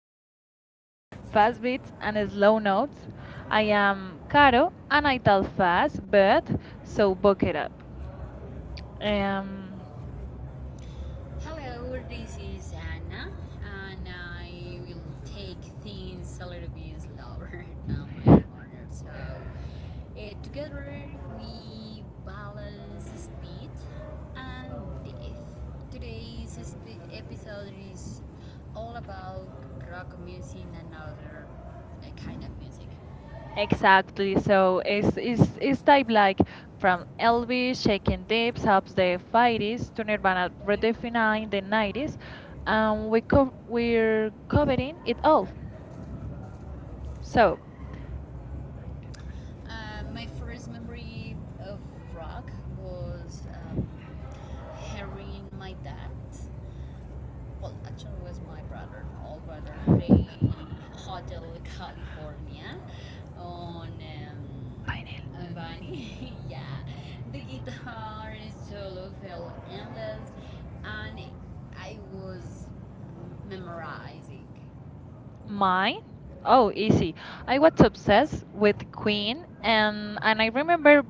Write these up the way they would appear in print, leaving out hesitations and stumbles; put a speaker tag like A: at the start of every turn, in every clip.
A: welcome
B: back
A: back to
B: to Fast
A: Fast Beats
B: Beats and
A: and
B: it's
A: Slow
B: Loaded.
A: Notes.
B: I
A: I
B: am
A: am
B: Cara
A: Caro and
B: and
A: I
B: I love
A: talk
B: fast
A: fast,
B: with
A: but so
B: Sopo
A: buck it
B: Kira.
A: up.
B: And
A: Um
B: hello, this is Anna, and I will take things a little bit slower than my partner. So, together we balance speed and depth. Today's episode is all about rock music and other kind of music. Exactly.
A: exactly.
B: So
A: So
B: it's,
A: it's it's
B: it's, it's
A: it's
B: like,
A: type like
B: like from
A: from
B: Elvis,
A: Elvis
B: like
A: shaking tips
B: tips up
A: up
B: to the
A: the
B: fighting
A: 50s to
B: started by
A: Nirvana
B: Alberta in the 90s.
A: redefining the 90s.
B: And the couple
A: We're
B: were covering
A: covering
B: it
A: it all.
B: over. So,
A: So
B: My first memory of rock was hearing my dad, well, actually, it was my brother, old brother, play Hotel California on
A: Pineal.
B: um, uh, yeah, the guitar solo felt endless, and I was memorizing my
A: Mine?
B: oh,
A: Oh, easy.
B: I
A: I
B: was
A: was
B: obsessed
A: obsessed
B: with
A: with
B: Queen
A: Queen,
B: and
A: and
B: and I
A: I
B: remember
A: remember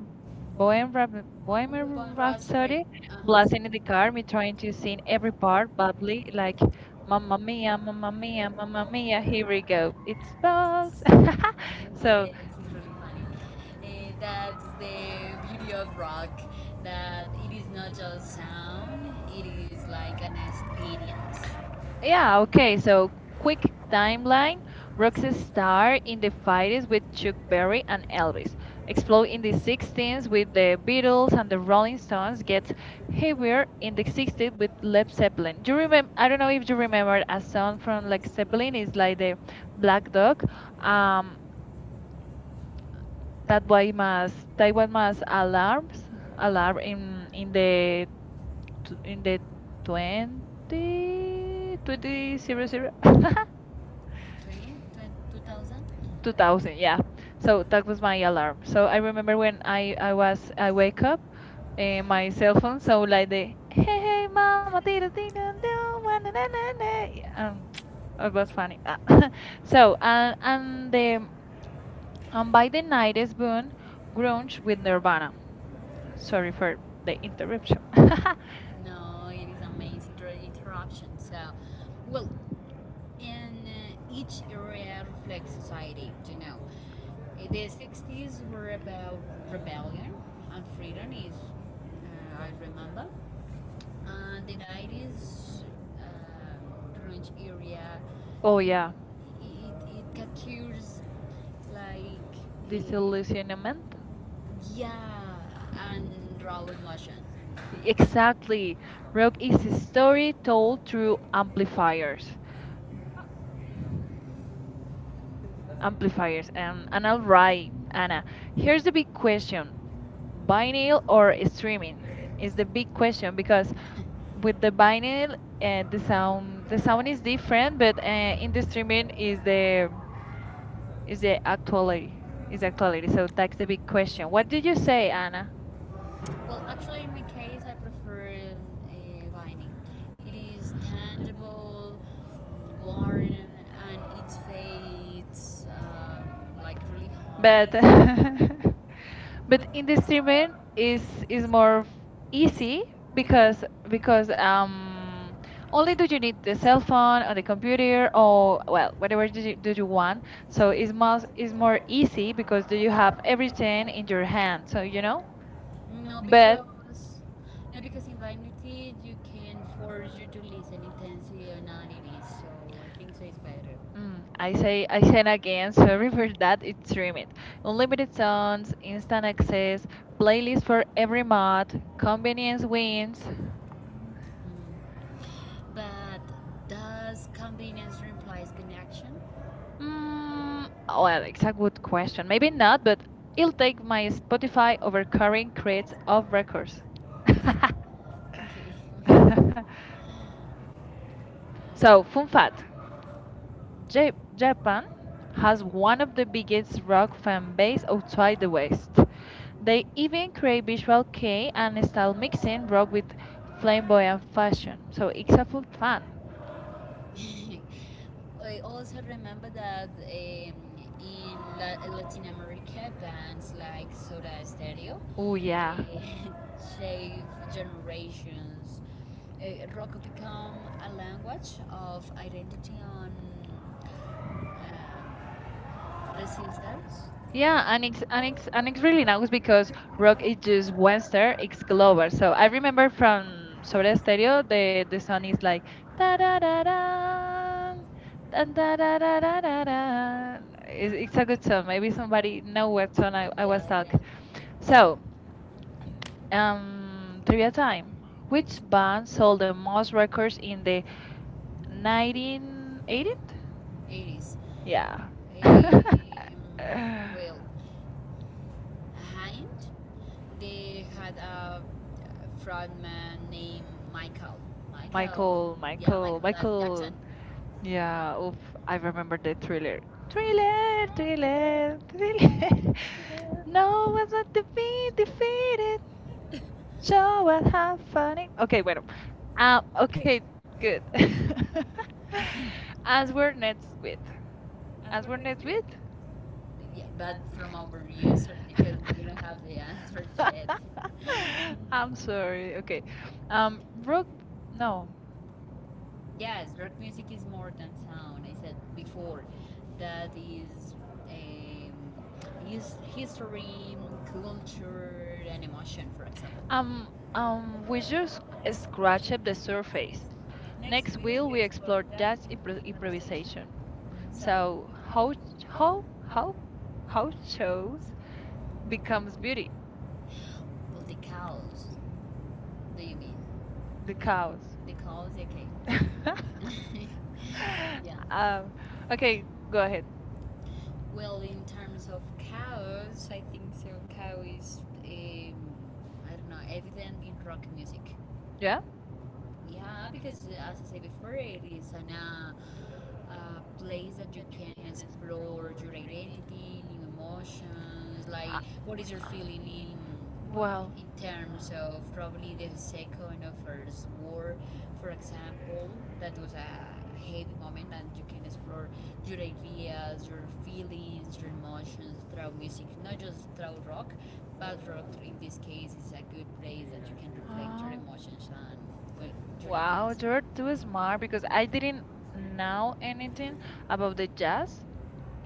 B: poem poem Newborn
A: Bohemian Rhapsody.
B: Raspberry. Uh-huh.
A: Uh-huh.
B: Plus in
A: Blasting in
B: the
A: the
B: car
A: car, me
B: we went
A: trying to
B: to sing
A: sing
B: every
A: every
B: part
A: part
B: and we
A: bubbly,
B: like
A: like
B: Mamma
A: Mamma
B: Mia,
A: Mia,
B: Mamma
A: Mamma
B: Mia,
A: Mia, Mamma
B: Mamma Mia,
A: Mia, here we
B: and we went
A: go.
B: to-
A: It's buzz.
B: it's So
A: So
B: yes, it's really funny. That's the beauty of rock, that it is not just sound, it is like an experience. Yeah,
A: yeah,
B: okay.
A: okay.
B: So
A: So,
B: quick
A: quick
B: timeline:
A: timeline.
B: Roxy
A: Roxy
B: Starr
A: starred in the
B: unified
A: 50s
B: with
A: with
B: Chuck
A: Chuck
B: Berry
A: Berry
B: and
A: and
B: Elvis,
A: Elvis. Explode
B: exploding
A: in
B: the
A: the
B: '60s
A: 60s
B: with
A: with
B: the
A: the Beatles
B: Beatles
A: and
B: and the
A: the
B: Rolling
A: Rolling
B: Stones.
A: Stones.
B: Gets
A: Gets
B: heavier
A: heavier in
B: in
A: the
B: the '60s
A: 60s
B: with
A: with
B: Led
A: Led
B: Zeppelin.
A: Zeppelin.
B: Do you
A: Do you
B: remember?
A: remember?
B: I
A: I
B: don't
A: don't
B: know
A: know
B: if
A: if
B: you
A: you
B: remember
A: remember
B: that
A: a
B: song
A: song
B: from
A: from
B: Led
A: Led
B: Zeppelin.
A: Zeppelin.
B: It's
A: It's
B: like
A: like
B: the
A: the
B: Black
A: Black
B: Dog.
A: Dog.
B: Um,
A: Um,
B: that
A: that
B: way
A: why
B: más,
A: must
B: Taiwan
A: Taiwan
B: was
A: must
B: allowed,
A: alarms alarm
B: it
A: in
B: in
A: the
B: the,
A: in
B: the
A: the
B: 20,
A: 20
B: 2000,
A: 2000.
B: yeah.
A: Yeah,
B: So that
A: so that
B: was
A: was my
B: my alarm.
A: alarm,
B: So
A: so I
B: I
A: remember
B: remember
A: when
B: when
A: I
B: I was
A: was I
B: I wake
A: wake up,
B: up, my
A: my cell
B: cell phone
A: phone,
B: so
A: so
B: like
A: like
B: the,
A: the hey hey mama tira tira do, wa, na, na, na, na." Yeah,
B: um, I
A: it
B: was
A: was
B: mad.
A: funny. Ah.
B: So
A: So and and the
B: the
A: and
B: by
A: by the
B: then, I had
A: night is born
B: grown
A: grunge with
B: with the run.
A: nirvana.
B: Sorry
A: Sorry
B: for
A: for
B: the
A: the
B: interruption.
A: interruption.
B: No, it is amazing interruption. So, well, in each area reflects society. You know, the '60s were about rebellion and freedom. Is I remember, and the '90s uh, grunge area.
A: Oh
B: It,
A: yeah,
B: it captures like uh,
A: disillusionment.
B: yeah, and raw emotion. Exactly.
A: Exactly.
B: Rock
A: Rock is a
B: a story
A: story
B: told
A: told through
B: through amplifiers.
A: amplifiers.
B: Amplifiers.
A: Amplifiers. And,
B: And
A: all
B: I'm right,
A: right,
B: Anna.
A: Anna,
B: Here's
A: here's
B: the
A: the big
B: big question,
A: question:
B: video
A: vinyl
B: or
A: or streaming?
B: streaming? It's
A: Is
B: the
A: the
B: big
A: big
B: question
A: question
B: because
A: because
B: with
A: with
B: the
A: the
B: video,
A: vinyl,
B: and
A: the
B: sound,
A: sound
B: sound is
A: is
B: different,
A: different, but
B: but
A: in the
B: with the streaming
A: streaming
B: is
A: is
B: the
A: the
B: actual, like,
A: actuality, is
B: is
A: the actuality.
B: actually so
A: So that's
B: that's
A: the
B: the big
A: big
B: question.
A: question. What
B: What did
A: did you
B: you say,
A: say,
B: Anna?
A: Anna?
B: Well, actually, in my case, I prefer vining. It is tangible, warm, and it fades like really
A: Hard.
B: hard.
A: But
B: But
A: but in the
B: this
A: streaming
B: is
A: is is more
B: more
A: f-
B: easy
A: easy
B: because
A: because
B: because
A: because
B: um,
A: um only
B: only
A: do
B: do
A: you
B: you
A: need the
B: need the
A: cell
B: cell
A: phone
B: phone,
A: or the
B: the computer,
A: computer
B: or
A: or
B: uh,
A: well
B: your
A: whatever do do you
B: individual one.
A: want. So
B: So
A: it's
B: it's more
A: most is
B: it's
A: more
B: more easy because
A: easy because do
B: they
A: you
B: have
A: have
B: everything
A: everything
B: in
A: in your
B: your
A: hand,
B: hands,
A: so
B: you
A: you know.
B: know. No,
A: But
B: because no, because in vanity you can force you to listen intensely or anality, so I think so is better.
A: mm,
B: I say,
A: I
B: I
A: say again,
B: say,
A: sorry for
B: with that
A: that, it's
B: with streaming,
A: streamed.
B: unlimited
A: Unlimited
B: songs,
A: songs, instant
B: instant access,
A: access,
B: playlist
A: playlist for
B: for
A: every
B: every month,
A: mod,
B: convenience
A: convenience wins.
B: wins. Mm. But does convenience replace connection?
A: Mm,
B: Mm, well,
A: well, it's a good
B: good question.
A: question. Maybe
B: Maybe not.
A: not, but it'll
B: You'll take
A: take
B: my
A: my
B: Spotify
A: Spotify over
B: over very
A: current
B: great
A: creates of
B: offer.
A: records.
B: Okay. So,
A: So, fun
B: but
A: fact.
B: Ja-
A: Japan
B: Japan has
A: has
B: one
A: one
B: of
A: of the
B: the biggest
A: biggest
B: rock
A: rock
B: music
A: fan base
B: days outside
A: outside the
B: the West.
A: West. They
B: They even
A: even create
B: create visual
A: visual kei
B: K and
A: and
B: start
A: style
B: mixing
A: mixing
B: rock
A: rock
B: with
A: with flamboyant
B: flamboyant fashion.
A: fashion.
B: So
A: So it's
B: it's
A: a
B: a
A: full
B: fun.
A: fun.
B: I also remember that in Latin America, bands like Soda Stereo,
A: Oh yeah.
B: yeah. shaped generations. Rock became a language of identity on uh, resistance. Yeah,
A: Yeah, and
B: and it's, and
A: it's
B: it's
A: really
B: really
A: nice because
B: nice
A: rock
B: rock
A: is
B: is
A: just
B: just
A: Western,
B: Western.
A: it's
B: So
A: global. So
B: I
A: I
B: remember
A: remember
B: from
A: from
B: Soda
A: Sobre
B: Stereo,
A: Stereo, the
B: and
A: song is like da da
B: it's
A: da
B: like,
A: da.
B: yeah, it's
A: And da
B: hard
A: da da da da
B: to tell.
A: da. It's a good song. Maybe
B: Like, somebody
A: somebody know what
B: knows
A: song
B: or
A: I
B: yeah,
A: was
B: knows. Yeah.
A: talking.
B: So,
A: So,
B: um, trivia
A: trivia
B: time.
A: time.
B: Which
A: Which
B: band
A: band
B: sold
A: sold
B: the
A: the
B: most
A: most
B: records
A: records in
B: in the
A: the 1980s?
B: 1980s? 80s. Yeah.
A: Yeah.
B: They, well, Hand, they had a frontman named Michael. Michael.
A: Michael, yeah,
B: Michael. Yeah,
A: Michael,
B: Michael Jackson.
A: Michael.
B: Yeah.
A: Yeah, oof, I
B: I remember
A: remember the thriller.
B: that.
A: Thriller, thriller,
B: Okay.
A: thriller. No
B: Okay,
A: one's not to be defeated. Show us how funny. Okay, bueno.
B: but okay,
A: Okay,
B: good.
A: good.
B: As
A: As
B: we're
A: we're
B: next
A: next
B: with,
A: with.
B: as
A: As
B: we're
A: we're
B: next
A: next
B: with,
A: with.
B: yeah, but from our users because we don't have the answer yet. I'm
A: I'm
B: sorry.
A: sorry. Okay.
B: Okay. Um, pro,
A: Rock.
B: no,
A: No.
B: yes, rock music is more than sound. I said before that is um, his history, culture, and emotion, for example. Um,
A: We just
B: we just scratched
A: scratched
B: the
A: the
B: surface.
A: surface.
B: Next
A: Next
B: week
A: will
B: we
A: we
B: explore
A: explore
B: that
A: that
B: in improvisation.
A: improvisation.
B: So
A: So
B: how
A: how
B: how
A: how
B: how
A: how
B: how
A: how
B: shows
A: chose
B: become
A: becomes
B: beauty?
A: beauty?
B: Well, the cows, do you mean?
A: The
B: The cow.
A: cows.
B: The cows, okay. Yeah.
A: Yeah.
B: Okay,
A: Okay,
B: go
A: go
B: ahead.
A: ahead.
B: Well, in terms of cows, I think so. Cow is, um, I don't know, evident in rock music. Yeah.
A: Yeah.
B: Yeah, because as I said before, it is an, a place that you can explore your identity, new emotions, like what is your feeling in, well,
A: Well,
B: in terms of probably the second or first war, for example, that was a heavy moment and you can explore your ideas, your feelings, your emotions through music, not just through rock, but rock in this case is a good place that you can reflect your
A: uh,
B: emotions and your wow.
A: wow,
B: Ideas.
A: you're
B: You're
A: too
B: too
A: smart
B: smart
A: because
B: because I
A: I
B: think
A: didn't
B: now
A: know
B: we need to
A: anything about
B: about the
A: the
B: jazz
A: jazz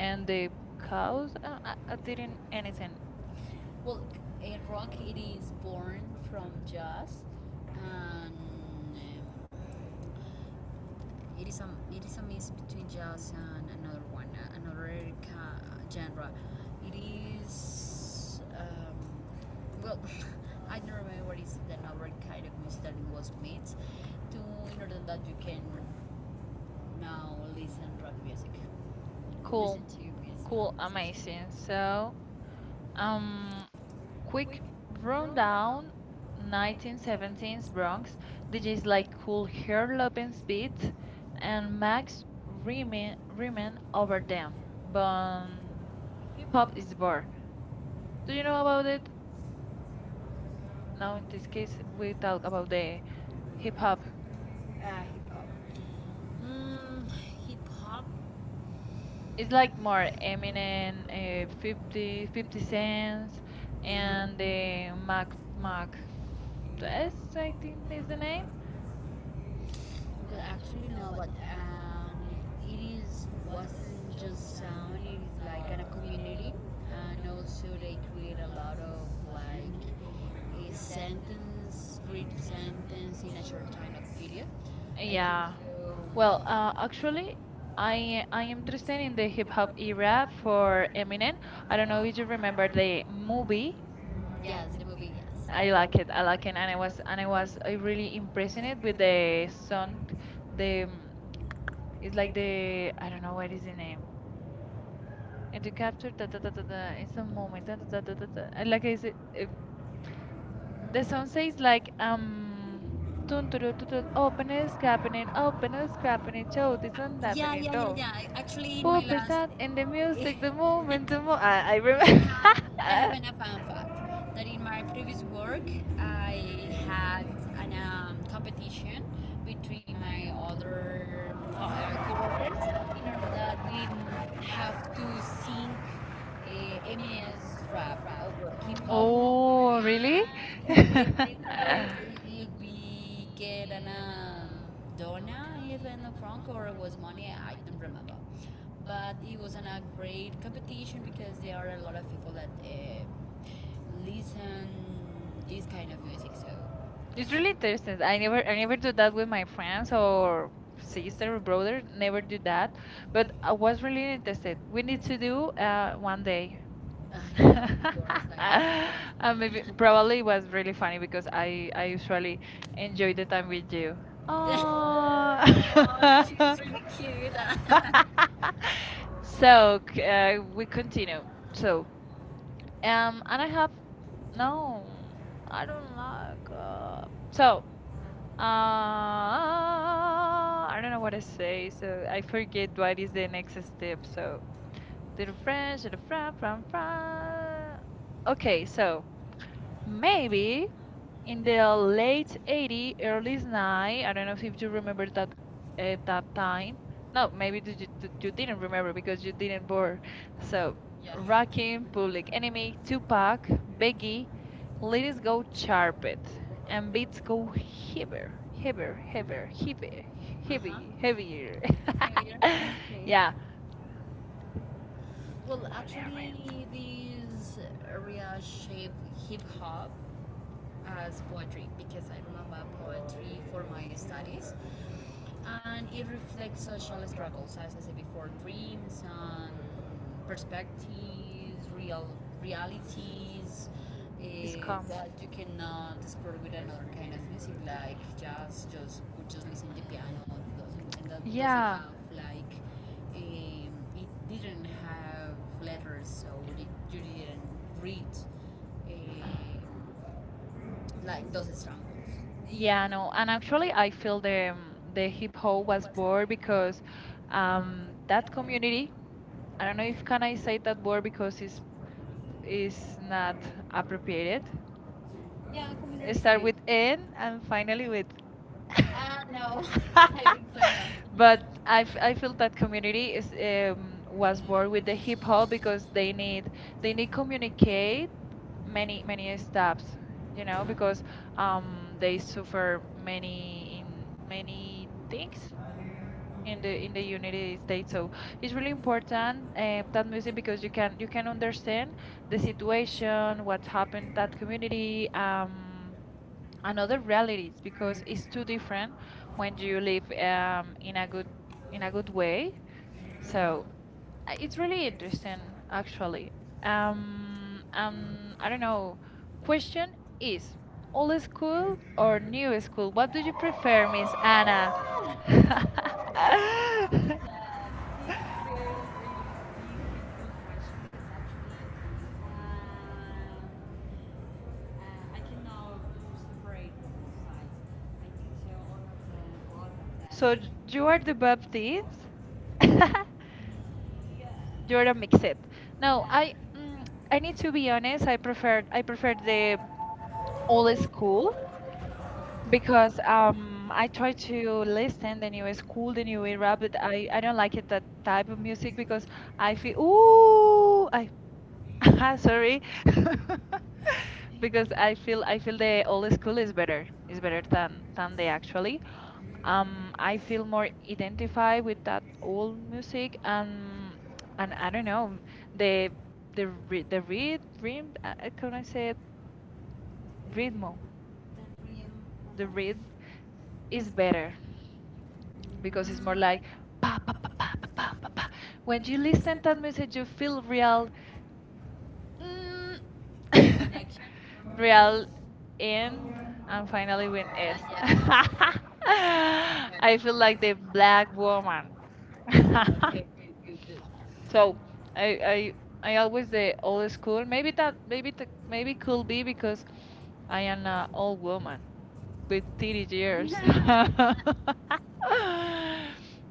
B: and
A: the
B: the cows
A: cows. I
B: didn't
A: didn't
B: anything.
A: anything.
B: Well, a rock it is born from jazz, and um, it is a mix between jazz and another one, another ca- genre. It is well, I don't remember what is the another kind of music that it was made to in order that you can now listen rock music. Cool. Listen
A: Cool,
B: to is cool.
A: cool,
B: Amazing.
A: amazing.
B: So,
A: So,
B: um,
A: um,
B: we
A: quick
B: rode down
A: rundown.
B: 1917's
A: 1917's
B: Bronx,
A: Bronx,
B: which is
A: DJs
B: like
A: like Cool
B: here
A: Hair
B: in
A: Lopez
B: speed,
A: Beat
B: and
A: and
B: black
A: Max
B: women
A: Riemann,
B: women
A: Riemann over
B: over there.
A: them. But
B: But hip
A: Hip hop
B: hop is
A: is
B: born.
A: bar. Do
B: Do
A: you
B: you know
A: know
B: about
A: about
B: it?
A: it?
B: No,
A: Now, in
B: in
A: this
B: this case,
A: case, we
B: we got
A: talk
B: of
A: about
B: the
A: the hip
B: hip
A: hop.
B: hop. Ah, hip hop. Mm, hip hop.
A: It's
B: It's like
A: like
B: for
A: more
B: the
A: Eminem,
B: fifty
A: 50
B: fifty cents
A: Cents,
B: and
A: and the Mac Mac. Yes,
B: it's
A: I
B: like
A: think is
B: it's
A: the name.
B: amazing because actually no but it is wasn't just sound, it is like in a community and also they create a lot of like a sentence brief sentence in a short time of period, I yeah. Think
A: Yeah.
B: so.
A: Well,
B: Well, actually,
A: actually,
B: I
A: I
B: I'm
A: am interested
B: interested
A: in
B: in
A: the
B: the
A: hip
B: hip
A: hop
B: hop
A: era
B: era
A: for
B: or
A: Eminem. I
B: I
A: don't
B: don't know
A: know
B: if
A: if you
B: you
A: remember
B: remember the
A: the
B: movie?
A: movie.
B: Yes, the movie. Yes.
A: I
B: I love
A: like
B: it.
A: it.
B: I like it, and I was
A: And
B: and
A: I
B: I was
A: was I
B: very
A: really
B: impressed
A: impressing it with
B: with the
A: the
B: song.
A: sound.
B: The
A: The mm, it's
B: it's
A: like
B: like the
A: the I don't know what is
B: ways.
A: the name. And
B: And
A: to
B: you can't.
A: capture da da da da da, it's a moment da da da da da. Da. I
B: I
A: Like
B: like it,
A: is it, the
B: the song
A: song
B: says
A: says
B: like
A: like
B: um
A: Dun, dun, dun, dun, dun, open is happening, show this and that and
B: yeah,
A: it
B: yeah, yeah,
A: though.
B: yeah. Actually, in
A: Who
B: my
A: is
B: last,
A: that? And the
B: I
A: music, the moment, I remember.
B: I have an, fun fact that in my previous work, I had an competition between my other coworkers that we have to sing Eminem's rap over hip hop. And
A: And
B: the
A: the
B: winner it will be get an dona even a franc or it was money. I don't remember. But it was an, a great competition because there are a lot of people that listen this kind of music. So
A: it's
B: it's
A: really
B: really
A: interesting.
B: tough that I don't
A: I
B: really
A: never do
B: do
A: that
B: that
A: with
B: with
A: my
B: my
A: friends
B: friends or
A: or
B: sister
A: sister or
B: or brother.
A: brother. Never
B: Never
A: do
B: do that.
A: that.
B: But
A: But I
B: what
A: was
B: really
A: really
B: tested
A: interested. We
B: we
A: need
B: need
A: to
B: to do
A: do,
B: on
A: one
B: the,
A: day.
B: ah yeah, of course, I know it. I
A: Uh,
B: mean,
A: maybe
B: overall,
A: probably
B: it
A: it
B: was
A: was really
B: really fun
A: funny because
B: because
A: I
B: I actually
A: usually enjoy
B: enjoyed
A: the
B: the
A: time
B: time with
A: with
B: you.
A: you. Oh.
B: Oh, she's really cute. So,
A: So we
B: continue.
A: continue.
B: So,
A: So
B: and
A: and
B: I
A: I
B: have
A: have
B: no,
A: no,
B: I
A: I
B: don't.
A: don't like.
B: So, um, I don't
A: Uh, I don't know
B: know
A: what
B: what
A: to
B: to say.
A: say,
B: So
A: so
B: I
A: I
B: forget
A: forget
B: what
A: what
B: is
A: is the
B: the
A: next
B: next step.
A: step.
B: So,
A: So,
B: the
A: the
B: French.
A: French, the fra fra fra.
B: Okay,
A: Okay,
B: so
A: so
B: maybe
A: maybe
B: in
A: in
B: the
A: the
B: late
A: late 80s, early
B: early 90s,
A: 90s, I don't
B: I
A: know if
B: don't
A: you
B: remember
A: remember
B: that,
A: that, that
B: that thing.
A: time. No,
B: No, maybe
A: maybe
B: you,
A: you
B: you
A: you
B: didn't
A: didn't
B: remember
A: remember
B: because
A: because you
B: you didn't
A: didn't
B: work.
A: born.
B: So,
A: So,
B: yeah. Rocky,
A: Rakim,
B: Public
A: Public
B: Enemy,
A: Enemy,
B: Tupac,
A: Tupac,
B: Becky,
A: Biggie,
B: Let
A: Let
B: It
A: It
B: Go,
A: Go,
B: Sharp,
A: Chirp It, and
B: and Beats
A: Beats
B: go
A: Go
B: Heaver,
A: Heavier,
B: Heaver,
A: heavier,
B: Heaver,
A: heavier,
B: Heaver,
A: heavier,
B: Uh-huh.
A: heavy,
B: Heaver,
A: heavier.
B: heavy, Heavier. Okay. Yeah.
A: Yeah,
B: Well, actually, this area shaped hip hop as poetry because I remember poetry for my studies. And it reflects social struggles, as I said before, dreams and perspectives, real realities uh, that you cannot explore with another kind of music, like just listen to piano and doesn't and that doesn't, yeah.
A: yeah.
B: Have like um, it didn't have letters, so it- you didn't read uh, like those strongholds. Yeah,
A: Yeah,
B: no.
A: no, and actually, I feel
B: Like,
A: the hip hop
B: they was
A: was born because
B: um, that
A: that
B: community.
A: community. I
B: I
A: don't
B: don't
A: know
B: know if
A: if
B: I'm
A: can I
B: gonna
A: say
B: say
A: that
B: that
A: word
B: word because
A: because it's
B: it's
A: is not
B: not
A: appropriated.
B: appropriate. Yeah,
A: Start
B: community.
A: with N and finally
B: Finally,
A: with
B: but
A: but I
B: I
A: feel
B: feel that
A: that
B: community
A: community is
B: is was
A: was
B: what
A: born
B: we
A: with the
B: need to
A: hip
B: call
A: hop
B: because
A: because they need
B: they need communicate
A: communicate
B: many
A: many
B: many
A: many steps,
B: stuffs,
A: you
B: you know,
A: know,
B: because
A: because
B: um, they
A: they
B: suffer
A: suffer
B: many
A: many in
B: many
A: many
B: things
A: things
B: in the
A: in the
B: United
A: United
B: States.
A: States,
B: So
A: so it's
B: it's
A: really
B: really important
A: important, that
B: that we
A: music
B: say because
A: because you
B: you
A: can
B: can understand
A: understand the
B: the situation,
A: situation what's
B: what's
A: happened
B: happening in that
A: that community,
B: community.
A: another
B: Another brand that
A: realities
B: is
A: because
B: because
A: it's
B: it's too
A: too
B: different
A: different
B: when
A: when
B: you
A: you
B: live
A: live
B: in a good
A: in a good
B: way.
A: way.
B: So
A: So, it's
B: it's really
A: really
B: interesting,
A: interesting
B: actually.
A: actually.
B: Um, um,
A: I
B: I
A: don't
B: don't know.
A: know. Question
B: Question is
A: is
B: old
A: old
B: school
A: school or
B: or new
A: new
B: school?
A: school? What
B: What
A: do
B: do
A: you
B: you
A: prefer,
B: prefer in
A: Miss Anna?
B: this, so
A: So you
B: you
A: are
B: are
A: the
B: the,
A: Baptist. You're
B: you're
A: a
B: the
A: mixed.
B: no,
A: No, yeah.
B: yeah.
A: I yeah. Mm, I
B: I
A: need
B: need to
A: to be
B: be
A: honest.
B: honest and
A: I prefer the old school
B: because
A: because I
B: I
A: try
B: tried
A: to
B: to like
A: listen the
B: it
A: new
B: was
A: school, the
B: really
A: new
B: way
A: era,
B: rapid
A: but
B: and
A: I
B: I
A: don't
B: didn't like
A: like it that
B: it that
A: type of
B: much
A: music
B: because
A: because
B: I
A: I feel
B: feel
A: ooh I
B: I-
A: sorry because
B: because I feel
A: I
B: like
A: feel
B: the
A: the
B: hair
A: old school is
B: better,
A: better, is
B: very
A: better
B: very
A: than they
B: there.
A: actually.
B: Um, I
A: I
B: feel
A: feel more
B: more dignified
A: identified
B: with
A: with that old music and I don't know
B: the
A: the the ry- the
B: rhythm
A: read rhythm, can I say it? Rhythm, the rhythm is
B: is better
A: better because
B: because
A: it's
B: it's
A: more
B: more like
A: like pa pa pa pa pa pa pa. Pa. When
B: when
A: you
B: you listen
A: listen
B: to
A: that
B: it,
A: message, you
B: you feel
A: feel real,
B: real
A: mm,
B: connection
A: real
B: with and
A: end,
B: I'm
A: and finally when
B: finally
A: S.
B: realized
A: I feel like the black woman.
B: Yeah. Okay. So
A: So I
B: I,
A: I
B: I
A: I always
B: always say
A: say old school. Maybe
B: maybe
A: that
B: that
A: maybe that maybe
B: maybe
A: could
B: could be
A: be
B: because
A: because I
B: I am
A: am an old woman with
B: with thirty
A: teenage years.
B: years.
A: But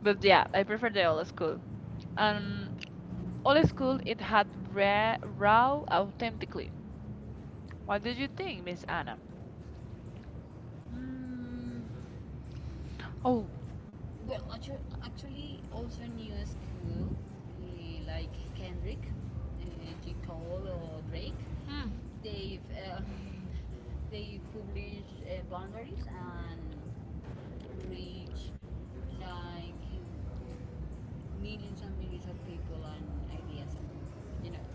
B: But
A: yeah,
B: yeah, I
A: I prefer
B: never
A: the
B: know.
A: old school. Um,
B: Um, all
A: old
B: the school
A: school, it
B: had
A: had
B: better now
A: raw
B: authentic.
A: authentically. What
B: What do
A: did
B: you
A: you think, Miss
B: think, Anna?
A: Anna?
B: Mm,
A: Oh,
B: well, actually, also new school like Kendrick, J. Cole, or Drake.
A: hmm,
B: Mm. They've they publish boundaries and reach like millions and millions of people and ideas and you know.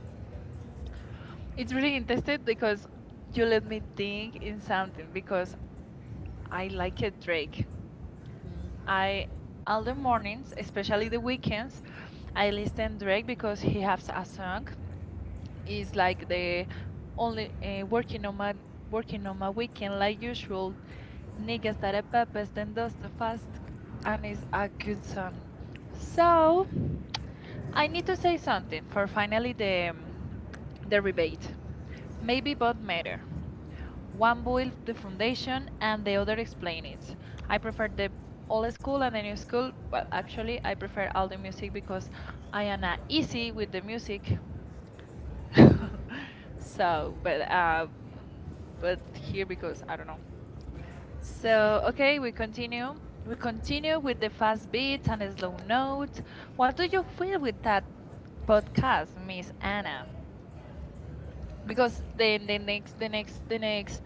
A: it's
B: It's
A: really
B: really
A: interesting
B: interesting because
A: because you
B: you
A: let
B: let me
A: me
B: take
A: think in
B: example
A: something because
B: because I
A: I
B: like
A: like
B: it.
A: it Drake.
B: I
A: I
B: on
A: all the
B: the
A: mornings,
B: mornings, especially
A: especially the
B: the
A: weekends,
B: weekends,
A: I
B: I listen
A: listen
B: break
A: Drake because
B: because
A: he
B: we have
A: has
B: a
A: a song.
B: Axonok. It's
A: It's
B: like
A: like
B: they
A: the
B: only
A: only,
B: working on working
A: working on
B: on
A: my
B: the weekend
A: weekend
B: like
A: like
B: usual.
A: usual.
B: Niggas
A: Niggas that
B: that
A: a
B: are
A: peppers
B: purpose, they
A: then does
B: bless
A: the
B: the past
A: fast, and
B: and
A: it's
B: it's
A: a good
B: artists.
A: song.
B: So
A: So I
B: I
A: need
B: need
A: to
B: to say
A: say
B: something
A: something
B: for
A: for finally
B: finally the
A: the
B: the rebate.
A: rebate. Maybe
B: Maybe
A: both
B: about matter.
A: matter.
B: One
A: One
B: with
A: builds the
B: the foundation
A: foundation
B: and
A: and the
B: the other
A: other
B: with the
A: explain
B: English.
A: it. I
B: I
A: prefer
B: prefer the
A: the
B: old
A: old school
B: school and
A: and the
B: the
A: new
B: new school.
A: school, but
B: Well, actually,
A: actually
B: I
A: I prefer
B: prefer
A: all
B: all
A: the
B: the music
A: music
B: because
A: because I
B: I
A: am
B: am
A: not
B: not easy
A: easy
B: with
A: with the
B: the music.
A: music.
B: So,
A: So,
B: but,
A: but here
B: so
A: because I don't know.
B: okay,
A: So,
B: we
A: okay, we continue.
B: continue.
A: We
B: We continue
A: continue with
B: with
A: the
B: the fast
A: fast
B: beat
A: beats
B: and the
A: and
B: slow
A: slow
B: down.
A: notes. What
B: What
A: do
B: do you
A: you feel
B: feel
A: with
B: with
A: that
B: that? Podcast
A: podcast, Miss
B: and
A: Anna?
B: because
A: Because
B: the,
A: then the
B: the
A: next the next
B: next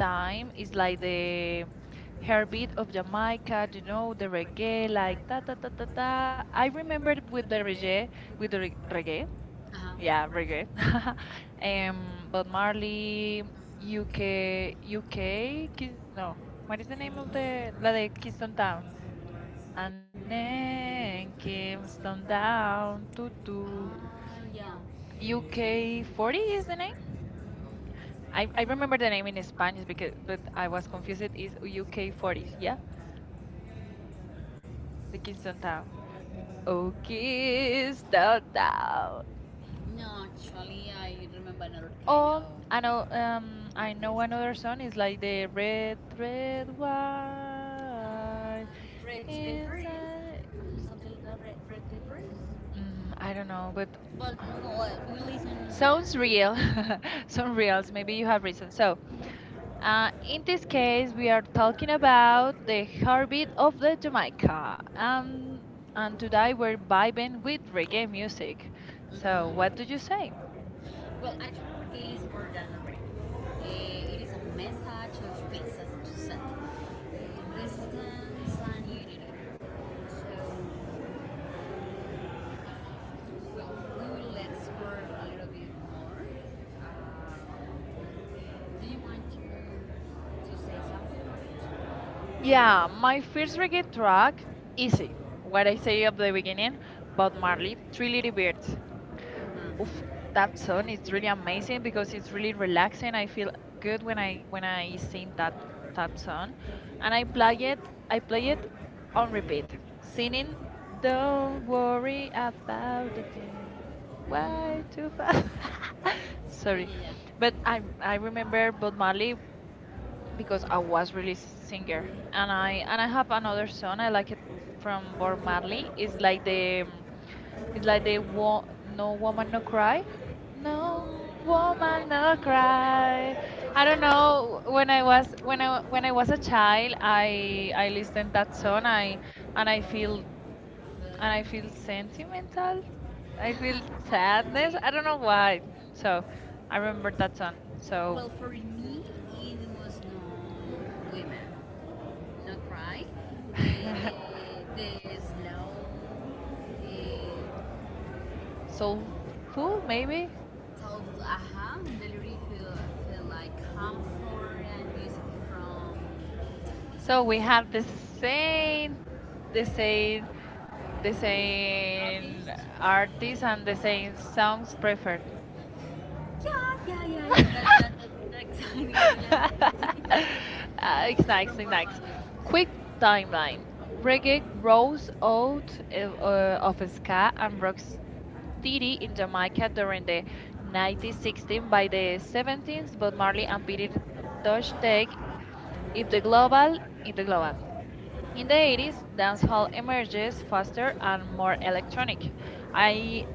B: time
A: is
B: is like
A: like the
B: the Herbie
A: heartbeat of
B: Monica,
A: Jamaica, you
B: you know,
A: know, the
B: the reggae,
A: reggae,
B: like
A: like ta ta ta ta ta.
B: the,
A: I
B: I remember
A: remember with the reggae,
B: with
A: with the
B: the
A: reggae,
B: reggae,
A: uh-huh,
B: Uh-huh, yeah,
A: yeah,
B: reggae,
A: reggae.
B: um,
A: Um, Bob
B: Marley,
A: Marley,
B: UK,
A: UK,
B: UK,
A: UK, Kiss, no,
B: what
A: what
B: is
A: is the
B: the name
A: name
B: of
A: of the
B: the, la
A: la
B: de
A: de Kingston Town?
B: Kistan,
A: And
B: Anne,
A: then
B: Kistan
A: Kingston
B: Down.
A: Down, to mhm. to
B: Ah, yeah. You okay?
A: UK 40 is the name?
B: I
A: I
B: remember
A: remember the
B: that
A: name
B: many
A: in
B: times
A: Spanish because
B: because when
A: but
B: I
A: I
B: was
A: was
B: confused
A: confused. It
B: with it's
A: is
B: the UK
A: UK
B: for.
A: 40s, yeah?
B: Yeah.
A: The
B: It is not
A: Kingston Town.
B: that.
A: Oh,
B: Okay, it's
A: Kingston
B: that.
A: Town.
B: No, actually, I remember another kind
A: Oh,
B: of I
A: I
B: know.
A: know. I
B: The
A: know
B: one
A: another
B: version
A: song
B: is
A: is
B: like
A: like
B: the
A: the
B: red.
A: red, red, white
B: Red paper,
A: inside.
B: yes, something like that. Red, red papers,
A: Mm, I don't know, but
B: but well, we listen.
A: sounds
B: Sounds real.
A: real.
B: Yeah. Sounds
A: Some
B: real.
A: reals. Maybe you have reason. So,
B: In
A: in this
B: this case,
A: case, we
B: we
A: are
B: are
A: talking about
B: talking.
A: the heartbeat of the Jamaica, and today we're vibing with reggae music.
B: So,
A: So, what do you say?
B: well, actually, reggae more than a record. It is a message of peace, as you said, resistance and unity. So, we will explore a little bit more. Um, do you want to say something? Yeah.
A: Yeah, my first reggae track. Easy.
B: What
A: What I
B: I
A: say
B: say,
A: at the beginning, Bob Marley, Three Little Birds. Oof, that song is really amazing because it's really relaxing. I feel good when I sing that song,
B: and
A: and
B: I
A: I play it. I
B: like
A: play it
B: playing all
A: on repeat,
B: the singing.
A: singing. Don't worry about the thing. Why too fast?
B: Yeah,
A: Sorry,
B: yeah, yeah. But
A: but
B: I
A: I
B: never
A: remember Bob Marley
B: was
A: because I
B: on watch
A: was really singer, and
B: and I
A: I have
B: um,
A: another song I
B: it's like
A: like it
B: they,
A: from Bob Marley. It's like the
B: it's
A: it's
B: like
A: like
B: they
A: the
B: go,
A: No Woman No Cry. No woman no cry. I don't
B: "Ah,
A: know
B: when I was when
A: when
B: I
A: I was
B: was
A: a
B: a child,
A: child
B: I really
A: I
B: understand
A: listened that
B: that. So
A: song I and
B: I feel, I
A: I feel
B: feel sad.
A: sentimental. I feel
B: Like, I
A: sadness. I
B: don't
A: don't
B: know
A: know
B: why.
A: why. So I remember
B: Remember that
A: that song.
B: So, well,
A: So
B: for me, it was no women. Not cry. The the slow uh,
A: soulful maybe.
B: told aha delivery feel, feel like comfort and music from. So
A: So
B: we
A: we
B: have
A: have
B: the same,
A: the
B: the same,
A: same, the
B: the same artist
A: same artists
B: and
A: and
B: the
A: the
B: same
A: same songs
B: sounds
A: preferred.
B: record. Yeah yeah yeah, yeah, that that's exciting, really, that exact,
A: It's
B: exactly.
A: it's nice.
B: Quick
A: Quick
B: timeline.
A: timeline.
B: Reggae,
A: Reggae
B: folk,
A: rose out
B: or
A: of
B: office
A: ska
B: cat,
A: and
B: and
A: rocksteady
B: Didi
A: in
B: in
A: Jamaica during
B: Jamaica,
A: the
B: 96,
A: 1960s.
B: by
A: By the
B: the
A: 70s,
B: seventeenth
A: Bob
B: of March,
A: Marley and Peter Tosh
B: today
A: take
B: is
A: if
B: the
A: the
B: global.
A: global, if the global in the
B: Today is
A: 80s,
B: National
A: dancehall
B: Indigenous
A: emerges faster
B: Foster
A: and
B: and
A: more
B: Welfare
A: electronic. I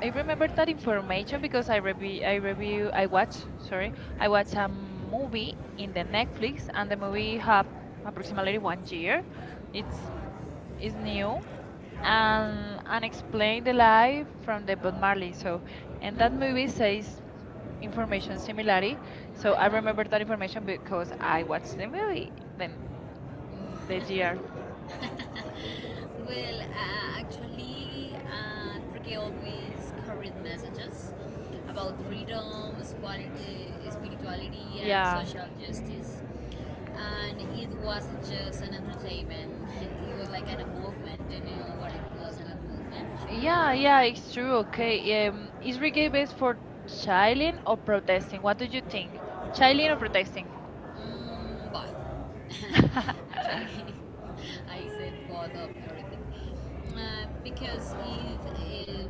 A: I remember that information because I review I review I watch sorry I watch a movie in the Netflix and the movie have approximately 1 year. It's Is new and explain the life from the Bob Marley. So and that movie says
B: information
A: information
B: circulating.
A: similarly.
B: So I
A: So I
B: remember
A: remember that information
B: information.
A: because
B: I
A: I watched the movie. Then the
B: was.
A: year.
B: Well, actually, Enrique always carried messages about freedom, spirituality, and social justice. And it wasn't just an entertainment, it was like a movement, and you know what it was a movement.
A: Yeah, yeah, it's true. Okay. Is reggae based for chilling or protesting? What do you think? Chilling or protesting?
B: Mm, both. Actually, I said both of everything. Because it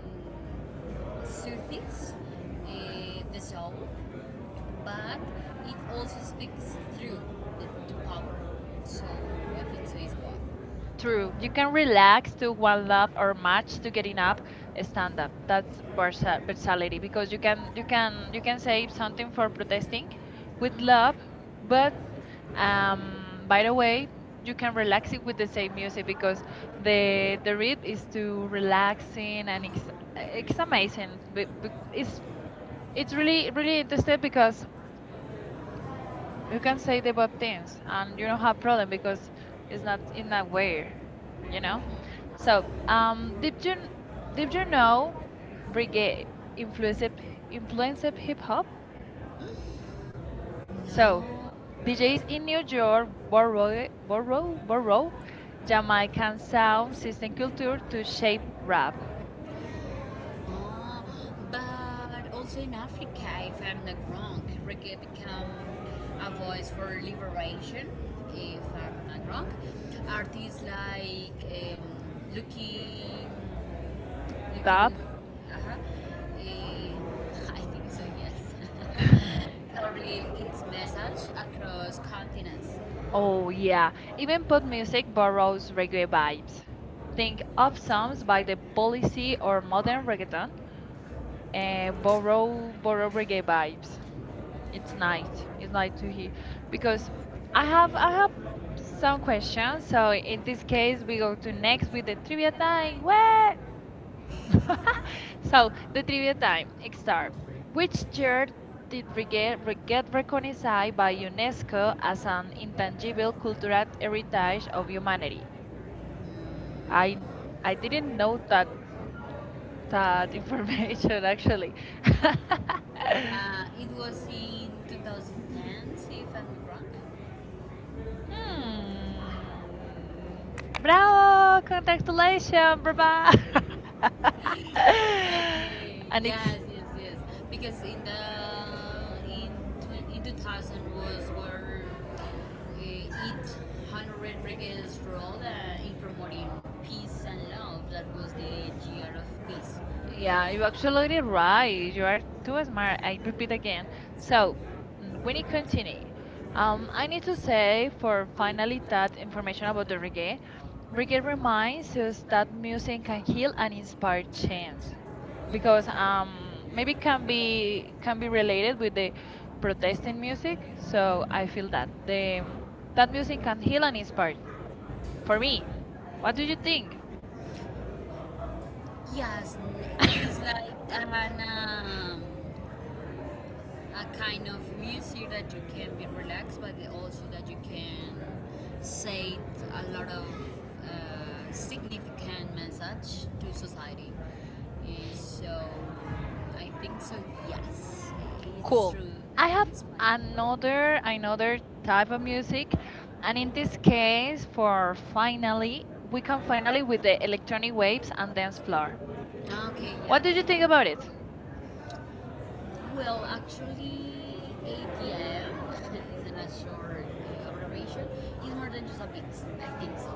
B: soothes the soul but it also speaks through the, the power. So I think so is both. True.
A: True.
B: You
A: You
B: can
A: can
B: relax,
A: relax to one
B: laugh,
A: lap or match to getting
B: get up,
A: up
B: stand
A: stand up. That's
B: up, or stand up.
A: versatility
B: You can,
A: because
B: you can, you
A: you can
B: can
A: say
B: save something
A: something
B: for
A: for
B: protesting
A: protesting with
B: with love,
A: love, but
B: but um,
A: by
B: by the
A: the
B: way,
A: way, you
B: you
A: can
B: can relax
A: relax
B: in
A: it with the same
B: everything
A: music because
B: because they
A: the
B: relax,
A: the rhythm is too
B: just
A: relaxing and
B: and
A: it's
B: it's amazing.
A: amazing. It's it's
B: It's really,
A: really
B: really
A: really interesting
B: interesting because
A: because you
B: can
A: can
B: say
A: say the both
B: different things.
A: things and you
B: You
A: don't
B: don't have
A: have
B: to
A: problem
B: make
A: because it's
B: it's not
A: not
B: in
A: in
B: that
A: that
B: way,
A: way, you
B: you know.
A: know.
B: So,
A: So did
B: did you
A: you
B: know
A: know
B: reggae
A: reggae influenced
B: fluently?
A: influenced
B: Fluently?
A: hip hop.
B: So,
A: So
B: DJs
A: DJs
B: in
A: in New
B: New York,
A: York borrow
B: Jamaica,
A: Jamaican
B: sound
A: sound
B: system
A: system culture to
B: to shape
A: shape rap,
B: rap. Ah, but also in Africa, if I'm not wrong, reggae become a voice for liberation. If I'm not wrong, artists like Lucky, Lucky,
A: dub.
B: Uh-huh, uh-huh, I think so. Yes, carried its message across continents.
A: Oh,
B: Yeah.
A: yeah. Even
B: What
A: pop music
B: music
A: borrows
B: genres bring you
A: reggae
B: life?
A: vibes.
B: Think
A: Think
B: of
A: of
B: songs
A: songs
B: by
A: by The
B: Halsey
A: Policy
B: or
A: or
B: Lauren
A: modern reggaeton
B: Hill
A: and
B: and
A: borrow
B: forget
A: reggae vibes. It's
B: tonight,
A: nice. It's
B: like
A: nice to hear
B: because
A: because
B: I have
A: I have
B: some
A: some
B: questions,
A: questions.
B: so
A: So
B: it
A: in this
B: is really
A: case, we
B: difficult.
A: go to next with the trivia time.
B: And
A: What?
B: so
A: So
B: the
A: the trivia
B: decision that
A: time start. Which
B: which chair
A: year did
B: forget
A: we
B: that
A: get recognized
B: recognized by
A: by
B: UNESCO
A: UNESCO
B: as
A: as
B: an
A: an
B: intangible heritage
A: intangible cultural
B: of.
A: heritage of humanity? I
B: I
A: I
B: didn't
A: didn't know that
B: know that.
A: that information actually.
B: It was in 2010, see if I'm wrong.
A: Hmm.
B: Bravo!
A: Bravo!
B: Congratulations,
A: Congratulations,
B: bravo!
A: brava!
B: Okay.
A: And it's
B: Yes, yes, yes. Because in the in twen- in 2000 was where it honored Reagan's role in promoting peace and love. That was the year of peace. If
A: yeah,
B: I'm
A: you're
B: wrong.
A: absolutely right. You are too
B: Where I
A: smart. I
B: can
A: repeat
B: begin.
A: again.
B: So,
A: So,
B: when
A: we
B: you
A: need
B: continue,
A: continue.
B: I
A: I
B: need
A: need
B: to
A: to
B: say,
A: say for
B: my
A: finally
B: another,
A: that information about
B: another
A: the
B: day,
A: reggae.
B: Brigham
A: Reggae
B: reminds
A: reminds
B: you
A: us
B: that
A: that
B: music
A: music
B: can
A: can
B: heal
A: heal
B: and
A: and
B: inspire
A: inspire
B: change.
A: change
B: Because
A: because
B: maybe
A: maybe
B: can
A: can
B: be
A: be
B: related
A: related
B: with
A: with the
B: protesting
A: protesting
B: music,
A: music.
B: so
A: So
B: I
A: I feel that
B: cannot say
A: the
B: that
A: that
B: music
A: music
B: can
A: can
B: heal
A: heal
B: and
A: and
B: inspire
A: inspire.
B: for
A: For
B: me.
A: me, what
B: What do
A: do you
B: you think?
A: think?
B: Yes, there is like an a kind of music that you can be relaxed, but also that you can say a lot of significant message to society. So I think so. Yes, it's
A: Cool.
B: true.
A: I that
B: I
A: have it's Another type of music, and in this case, for finally, we can finally with the electronic waves and dance floor.
B: okay, yeah.
A: What, yes.
B: What
A: do you
B: did
A: Yeah.
B: you
A: think
B: think
A: about it?
B: about well, actually, ATM is an short abbreviation. It's more than just a bit, I think so.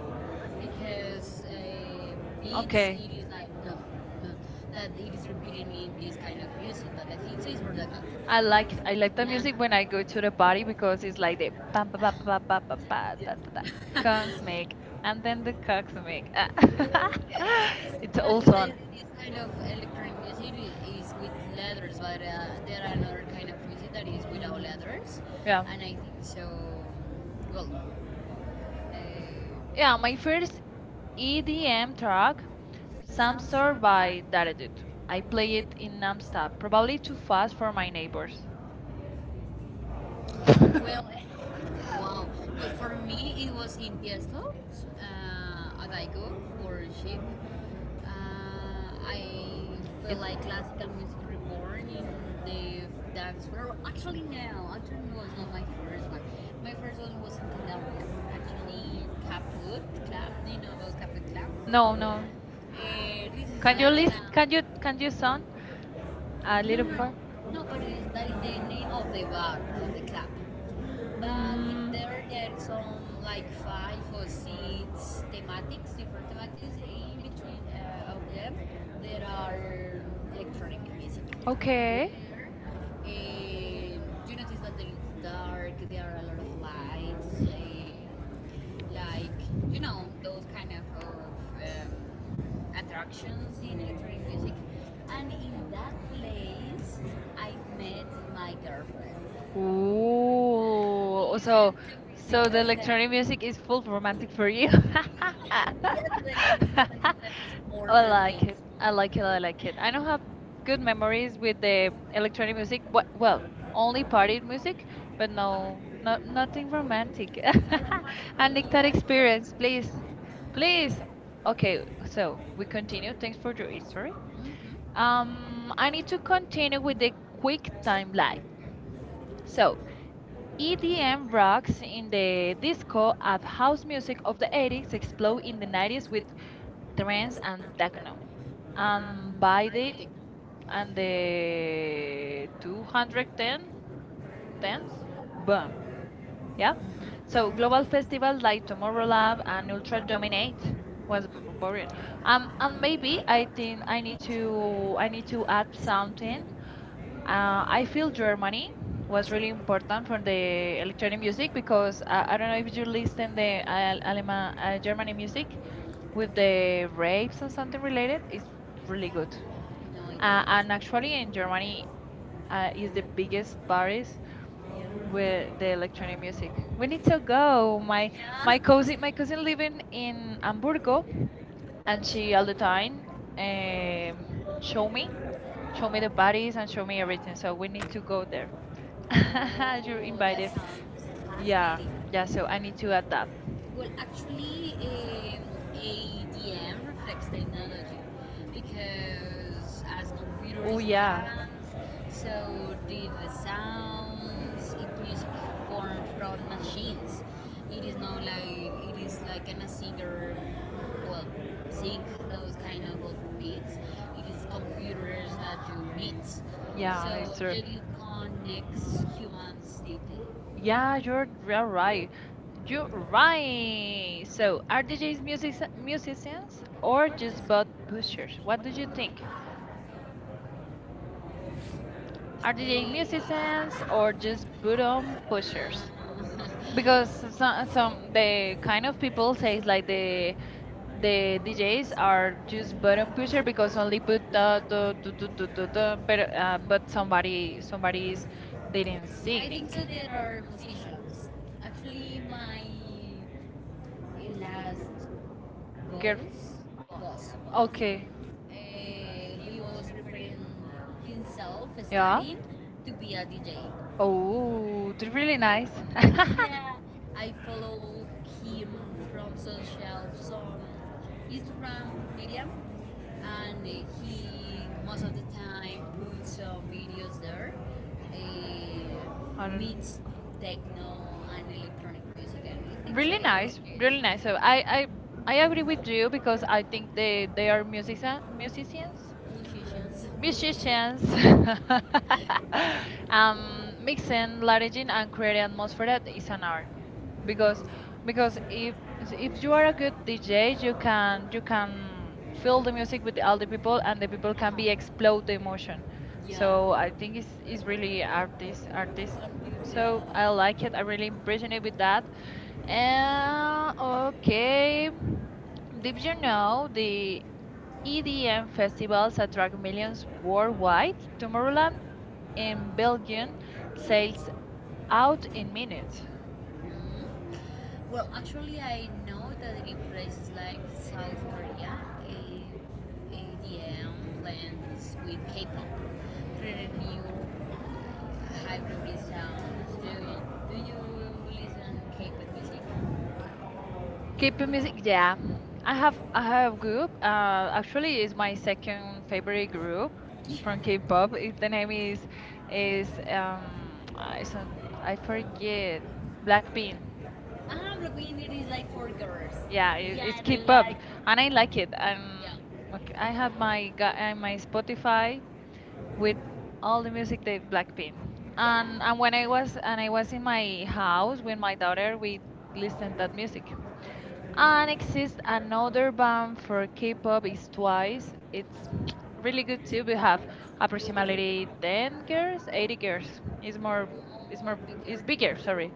B: Because beats, okay, it is like, no, no, that it is repeating in this kind of music, but I think so it's more than that. I like it.
A: I like the
B: Yeah.
A: music when I go to the
B: I
A: party because it's like
B: like
A: the pam pa pa pa pa pa pa da da da
B: yes.
A: cosmic and then the cosmic. Ah. It's
B: But in
A: also
B: the,
A: on.
B: this kind of
A: Mm.
B: electronic music is with letters, but there are another kind of music that is without letters,
A: Yeah.
B: yeah, and I so. Well,
A: Yeah,
B: yeah, my
A: my
B: first
A: first
B: EDM
A: EDM
B: track,
A: track,
B: Samsung
A: Samstar
B: by
A: by Daredut.
B: I
A: I
B: play
A: play
B: it
A: it
B: in
A: in
B: Amsterdam.
A: nonstop,
B: About
A: probably
B: it
A: too fast for
B: for my
A: my
B: neighbor.
A: neighbors.
B: Well,
A: It's
B: wow. Well, for me, it was in Tiesto at I go for ship. I feel like classical music reborn in the dance floor. Actually, no, it's not my first one. My first one was in Candelaria. Actually, Caput Club. Do you know about Caput Club? No,
A: no,
B: no.
A: no.
B: This is
A: Can you
B: like an.
A: list? Can you
B: Huh?
A: sound a
B: No,
A: little
B: no, no.
A: part?
B: No, but it- that is the name of the bar, of the club. But in
A: Mm,
B: there, there are some like five or six thematics, different thematics. In between of them, there are electronic music.
A: okay.
B: Okay. Uh, you notice that it's dark, there are a lot of lights, like, you know, those kind of attractions in electronic music. And in that place, I met my girlfriend.
A: Ooh, so so the
B: Because the
A: electronic music is full romantic for you.
B: other one that was more than a
A: I like it. I don't have good
B: good memories
A: memories with
B: with the
A: the
B: pretty
A: electronic
B: music
A: music. But, well,
B: the
A: only
B: party.
A: party music, but
B: But no,
A: no, no, nothing
B: romantic.
A: romantic.
B: No,
A: I need that
B: but
A: experience, please,
B: please.
A: please.
B: Okay,
A: Okay,
B: so
A: so
B: we
A: we continue.
B: continue to the
A: Thanks for your
B: memories.
A: history.
B: Mhm. Um,
A: I
B: I
A: need
B: need
A: to
B: to
A: continue
B: continue
A: with
B: with
A: the
B: the quick
A: quick timeline.
B: timeline. So
A: So,
B: EDM
A: EDM
B: rock,
A: rocks
B: see,
A: in
B: the
A: the
B: disco,
A: disco
B: and
A: and
B: the house
A: house
B: music
A: music of the
B: of the
A: 80s
B: 80s
A: explode
B: exploded in
A: in the
B: the
A: 90s
B: 90s with
A: with trance
B: trance and
A: and
B: that.
A: techno. And
B: And
A: by
B: by
A: the
B: the
A: and
B: and the
A: the
B: 110
A: 210 tens
B: dance, well,
A: boom. Yeah.
B: yeah. Mm-hmm. So
A: So global
B: global
A: festivals
B: festivals like
A: like
B: Top
A: Tomorrowland
B: Lab and
A: and Ultra
B: Ultra Dominate
A: Dominate
B: what?
A: was boring. And maybe
B: Maybe
A: I think
B: I need to
A: I need to
B: add
A: add
B: something.
A: something.
B: I
A: I
B: feel
A: feel
B: Germany
A: Germany
B: was
A: was
B: really
A: really
B: important
A: important for the
B: for the
A: electronic
B: music
A: music
B: because
A: because
B: I
A: I don't
B: don't
A: know
B: know if
A: if
B: you
A: you
B: listen
A: listen the
B: the
A: Alema,
B: German
A: Germany music
B: music
A: with
B: with the
A: the
B: waves
A: rapes and
B: system
A: something related.
B: related.
A: It's really good.
B: It's great. No, uh,
A: And
B: and actually
A: actually, in
B: in Germany
A: Germany, is
B: is
A: the
B: the
A: biggest
B: biggest parties
A: parties
B: near where
A: with the
B: the
A: electronic music. We
B: we
A: need
B: need to
A: to
B: go.
A: go.
B: Oh my yeah. Because it-
A: My cousin
B: we
A: living in
B: in Hamburgo
A: Hamburgo, and
B: and
A: she
B: she
A: all the
B: occupied
A: time um show
B: Yumi,
A: me show me the
B: Yumi's body,
A: parties and show me everything.
B: everything. So,
A: So we need to go there. You're
B: oh, that
A: invited.
B: sounds
A: Yeah,
B: fascinating.
A: yeah.
B: So
A: So I
B: I
A: need
B: need to
A: to add
B: have that.
A: that.
B: Well, actually, ADM reflects technology because as computer
A: Oh
B: is
A: yeah.
B: advanced, so the sounds it is born from machines. It is not like it is like a singer, well, sing those kind of beats. It is computers that you meet.
A: Yeah, it's
B: So
A: True.
B: it connects humans deeply.
A: Yeah,
B: Yeah,
A: you're
B: you're
A: real
B: right.
A: right.
B: You're
A: You're
B: right.
A: right.
B: So,
A: So, are
B: are the
A: DJs
B: these consistent
A: musicians
B: systems
A: or
B: or just
A: just butt pushers?
B: features?
A: What
B: What do
A: do you
B: you think?
A: think? Are DJs
B: I just
A: musicians or just button pushers? Because
B: because some
A: some
B: they
A: the
B: kind
A: kind of people
B: of people
A: says
B: think that
A: like
B: they think
A: the
B: they these
A: DJs
B: ones
A: are
B: are
A: just
B: just
A: button
B: bad
A: pusher
B: teacher
A: because
B: because
A: only put
B: of the
A: the tu, tu, tu, tu, tu, tu, but
B: but somebody is
A: somebody's didn't
B: feelings. I think
A: singing.
B: so.
A: So.
B: There are musicians. Actually, my last
A: Girl,
B: goals, goals, goals. Okay.
A: okay,
B: He was preparing himself,
A: yeah,
B: studying to be a DJ.
A: oh, it's really
B: Very nice.
A: nice. I
B: Actually, I follow him from social, from Instagram, Medium, and he most of the time puts some videos there.
A: Don't. Know.
B: Meets techno and electronic music,
A: Really
B: and I so.
A: really
B: Really nice.
A: nice,
B: Really
A: really
B: nice.
A: nice.
B: So
A: So I
B: I agree
A: agree
B: with
A: with
B: you
A: you
B: because
A: because I think
B: I think they
A: they
B: are
A: are musicians,
B: music influences, yes musicians.
A: musicians
B: Musicians, um, mixing
A: mixing
B: Latin
A: Latin and creating
B: American with
A: atmosphere that
B: Japanese
A: is
B: and
A: an art
B: American. Because,
A: because
B: because
A: if
B: if,
A: you
B: you are
A: are a
B: a
A: good
B: DJ,
A: DJ
B: you can
A: you can fill
B: build the
A: the
B: music
A: music with
B: with
A: all the
B: other people
A: people
B: and then
A: and the
B: you can be
A: people can be
B: explore
A: explode the
B: the emotion.
A: emotion,
B: Yeah.
A: so
B: So I
A: I
B: think
A: think
B: it's
A: it's really
B: really, really cool.
A: artist,
B: So I
A: so I
B: like
A: like it. I'm
B: it when
A: really
B: you
A: impressed
B: continue
A: with
B: with that.
A: that. And
B: And, okay.
A: okay,
B: Did
A: did
B: you
A: you
B: know
A: know the
B: EDM
A: EDM
B: festivals
A: festivals
B: are
A: attract
B: used
A: millions worldwide?
B: worldwide? Tomorrowland
A: Tomorrowland
B: in
A: in
B: Belgium
A: Belgium
B: sells
A: sells
B: out
A: out
B: in
A: in
B: minutes.
A: minutes.
B: Mhm. Well, actually, I know that in places like South Korea, EDM blends with K-pop, creating new hybrid sounds. Do you listen to K-pop music? Keep
A: K-pop
B: the music.
A: music, yeah. I have a group. Actually, it's my second favorite group
B: From
A: from
B: K-pop.
A: K-pop. The name is I son- I forget Blackpink.
B: Ah, Blackpink it is like for girls. Yeah,
A: Yeah,
B: yeah,
A: it's
B: they
A: K-pop,
B: like. I
A: and I
B: really like
A: like
B: it.
A: it. And
B: Yeah.
A: okay,
B: I
A: I
B: have
A: have
B: like
A: my
B: my
A: my
B: Spotify
A: Spotify
B: with
A: with
B: all
A: all
B: the
A: the
B: music
A: music
B: that
A: they
B: you
A: Blackpink.
B: like.
A: And
B: And
A: and when I was
B: when
A: and I
B: I was
A: was in
B: in
A: my
B: my house
A: house with
B: with
A: my
B: my daughter,
A: daughter, we
B: so
A: listened
B: that
A: that
B: was
A: music. And exists another band for K-pop is Twice. It's really good too. We have approximately 10 girls, 80 girls. It's more, it's more, it's bigger. Sorry,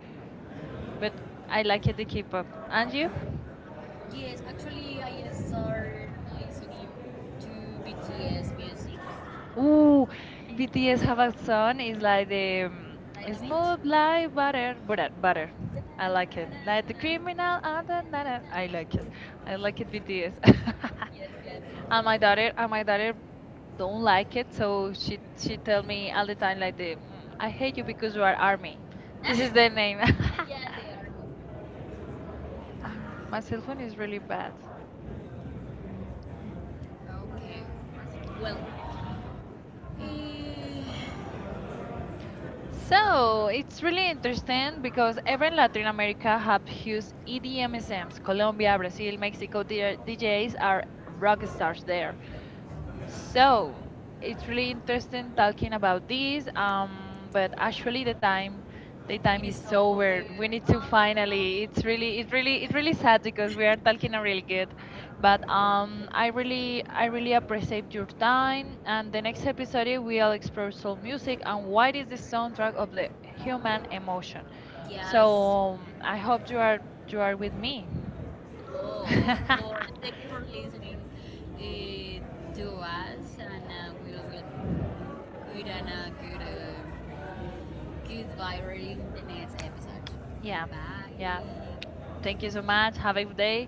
A: but I like it the K-pop. And you?
B: yes, actually, I started listening to BTS music.
A: Ooh,
B: Yes,
A: BTS have a
B: I
A: song. It's like the
B: love
A: smooth
B: it.
A: like butter, butter, butter. I
B: I like
A: like it.
B: it.
A: Like the criminal and the I like it. I
B: Like
A: like it BTS.
B: BTS. Yes, yes.
A: and
B: And
A: my
B: my daughter
A: daughter, and my daughter don't
B: don't like
A: like it.
B: it.
A: So
B: She, she
A: she
B: tell
A: tell
B: me.
A: me all the time like the "Mm, I hate you because you are army. This is the
B: Then,
A: name."
B: yeah, they are.
A: Ah, my cell phone is really bad.
B: Well, eh, so it's
A: So it's
B: really
A: really
B: interesting
A: interesting
B: because
A: because every
B: everyone has an
A: Latin
B: opinion
A: America
B: on
A: have
B: this.
A: huge
B: In
A: EDM
B: EMSS,
A: SMs. Colombia,
B: Colombia,
A: Brazil,
B: Brazil,
A: Mexico,
B: all the
A: their
B: intelligence
A: DJs
B: are
A: are rock stars there.
B: started. So,
A: So it's
B: really
A: really interesting
B: we're talking
A: talking
B: about
A: about
B: this.
A: this.
B: Um,
A: But
B: because
A: actually
B: actually, my the
A: the time
B: time is
A: is
B: so over.
A: over.
B: Good.
A: We need to
B: Finally, it's really
A: finally it's really
B: really,
A: it's
B: really
A: really sad
B: sad
A: because
B: because
A: we are
B: it's
A: talking a really
B: finally
A: good.
B: over. But
A: But
B: we
A: I
B: have one
A: really appreciate
B: episode
A: your
B: of time.
A: time and
B: The
A: the
B: next
A: next episode
B: episode,
A: we'll
B: we'll explore
A: explore soul
B: music
A: music and
B: and what
A: what
B: is
A: is the
B: the subject
A: soundtrack of the
B: of the human.
A: human emotion.
B: Yes. So,
A: So I hope you are with me.
B: oh, of course. Thank you for listening eh, to us, and we will good and a good, good vibe in the next episode. Yeah.
A: Yeah.
B: Bye.
A: Yeah. Thank you so much. Have a good day.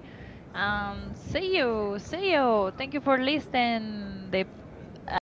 B: See
A: See
B: you.
A: you.
B: See
A: See
B: you.
A: you.
B: Thank you
A: Thank you for
B: for listening.
A: listening. The, uh,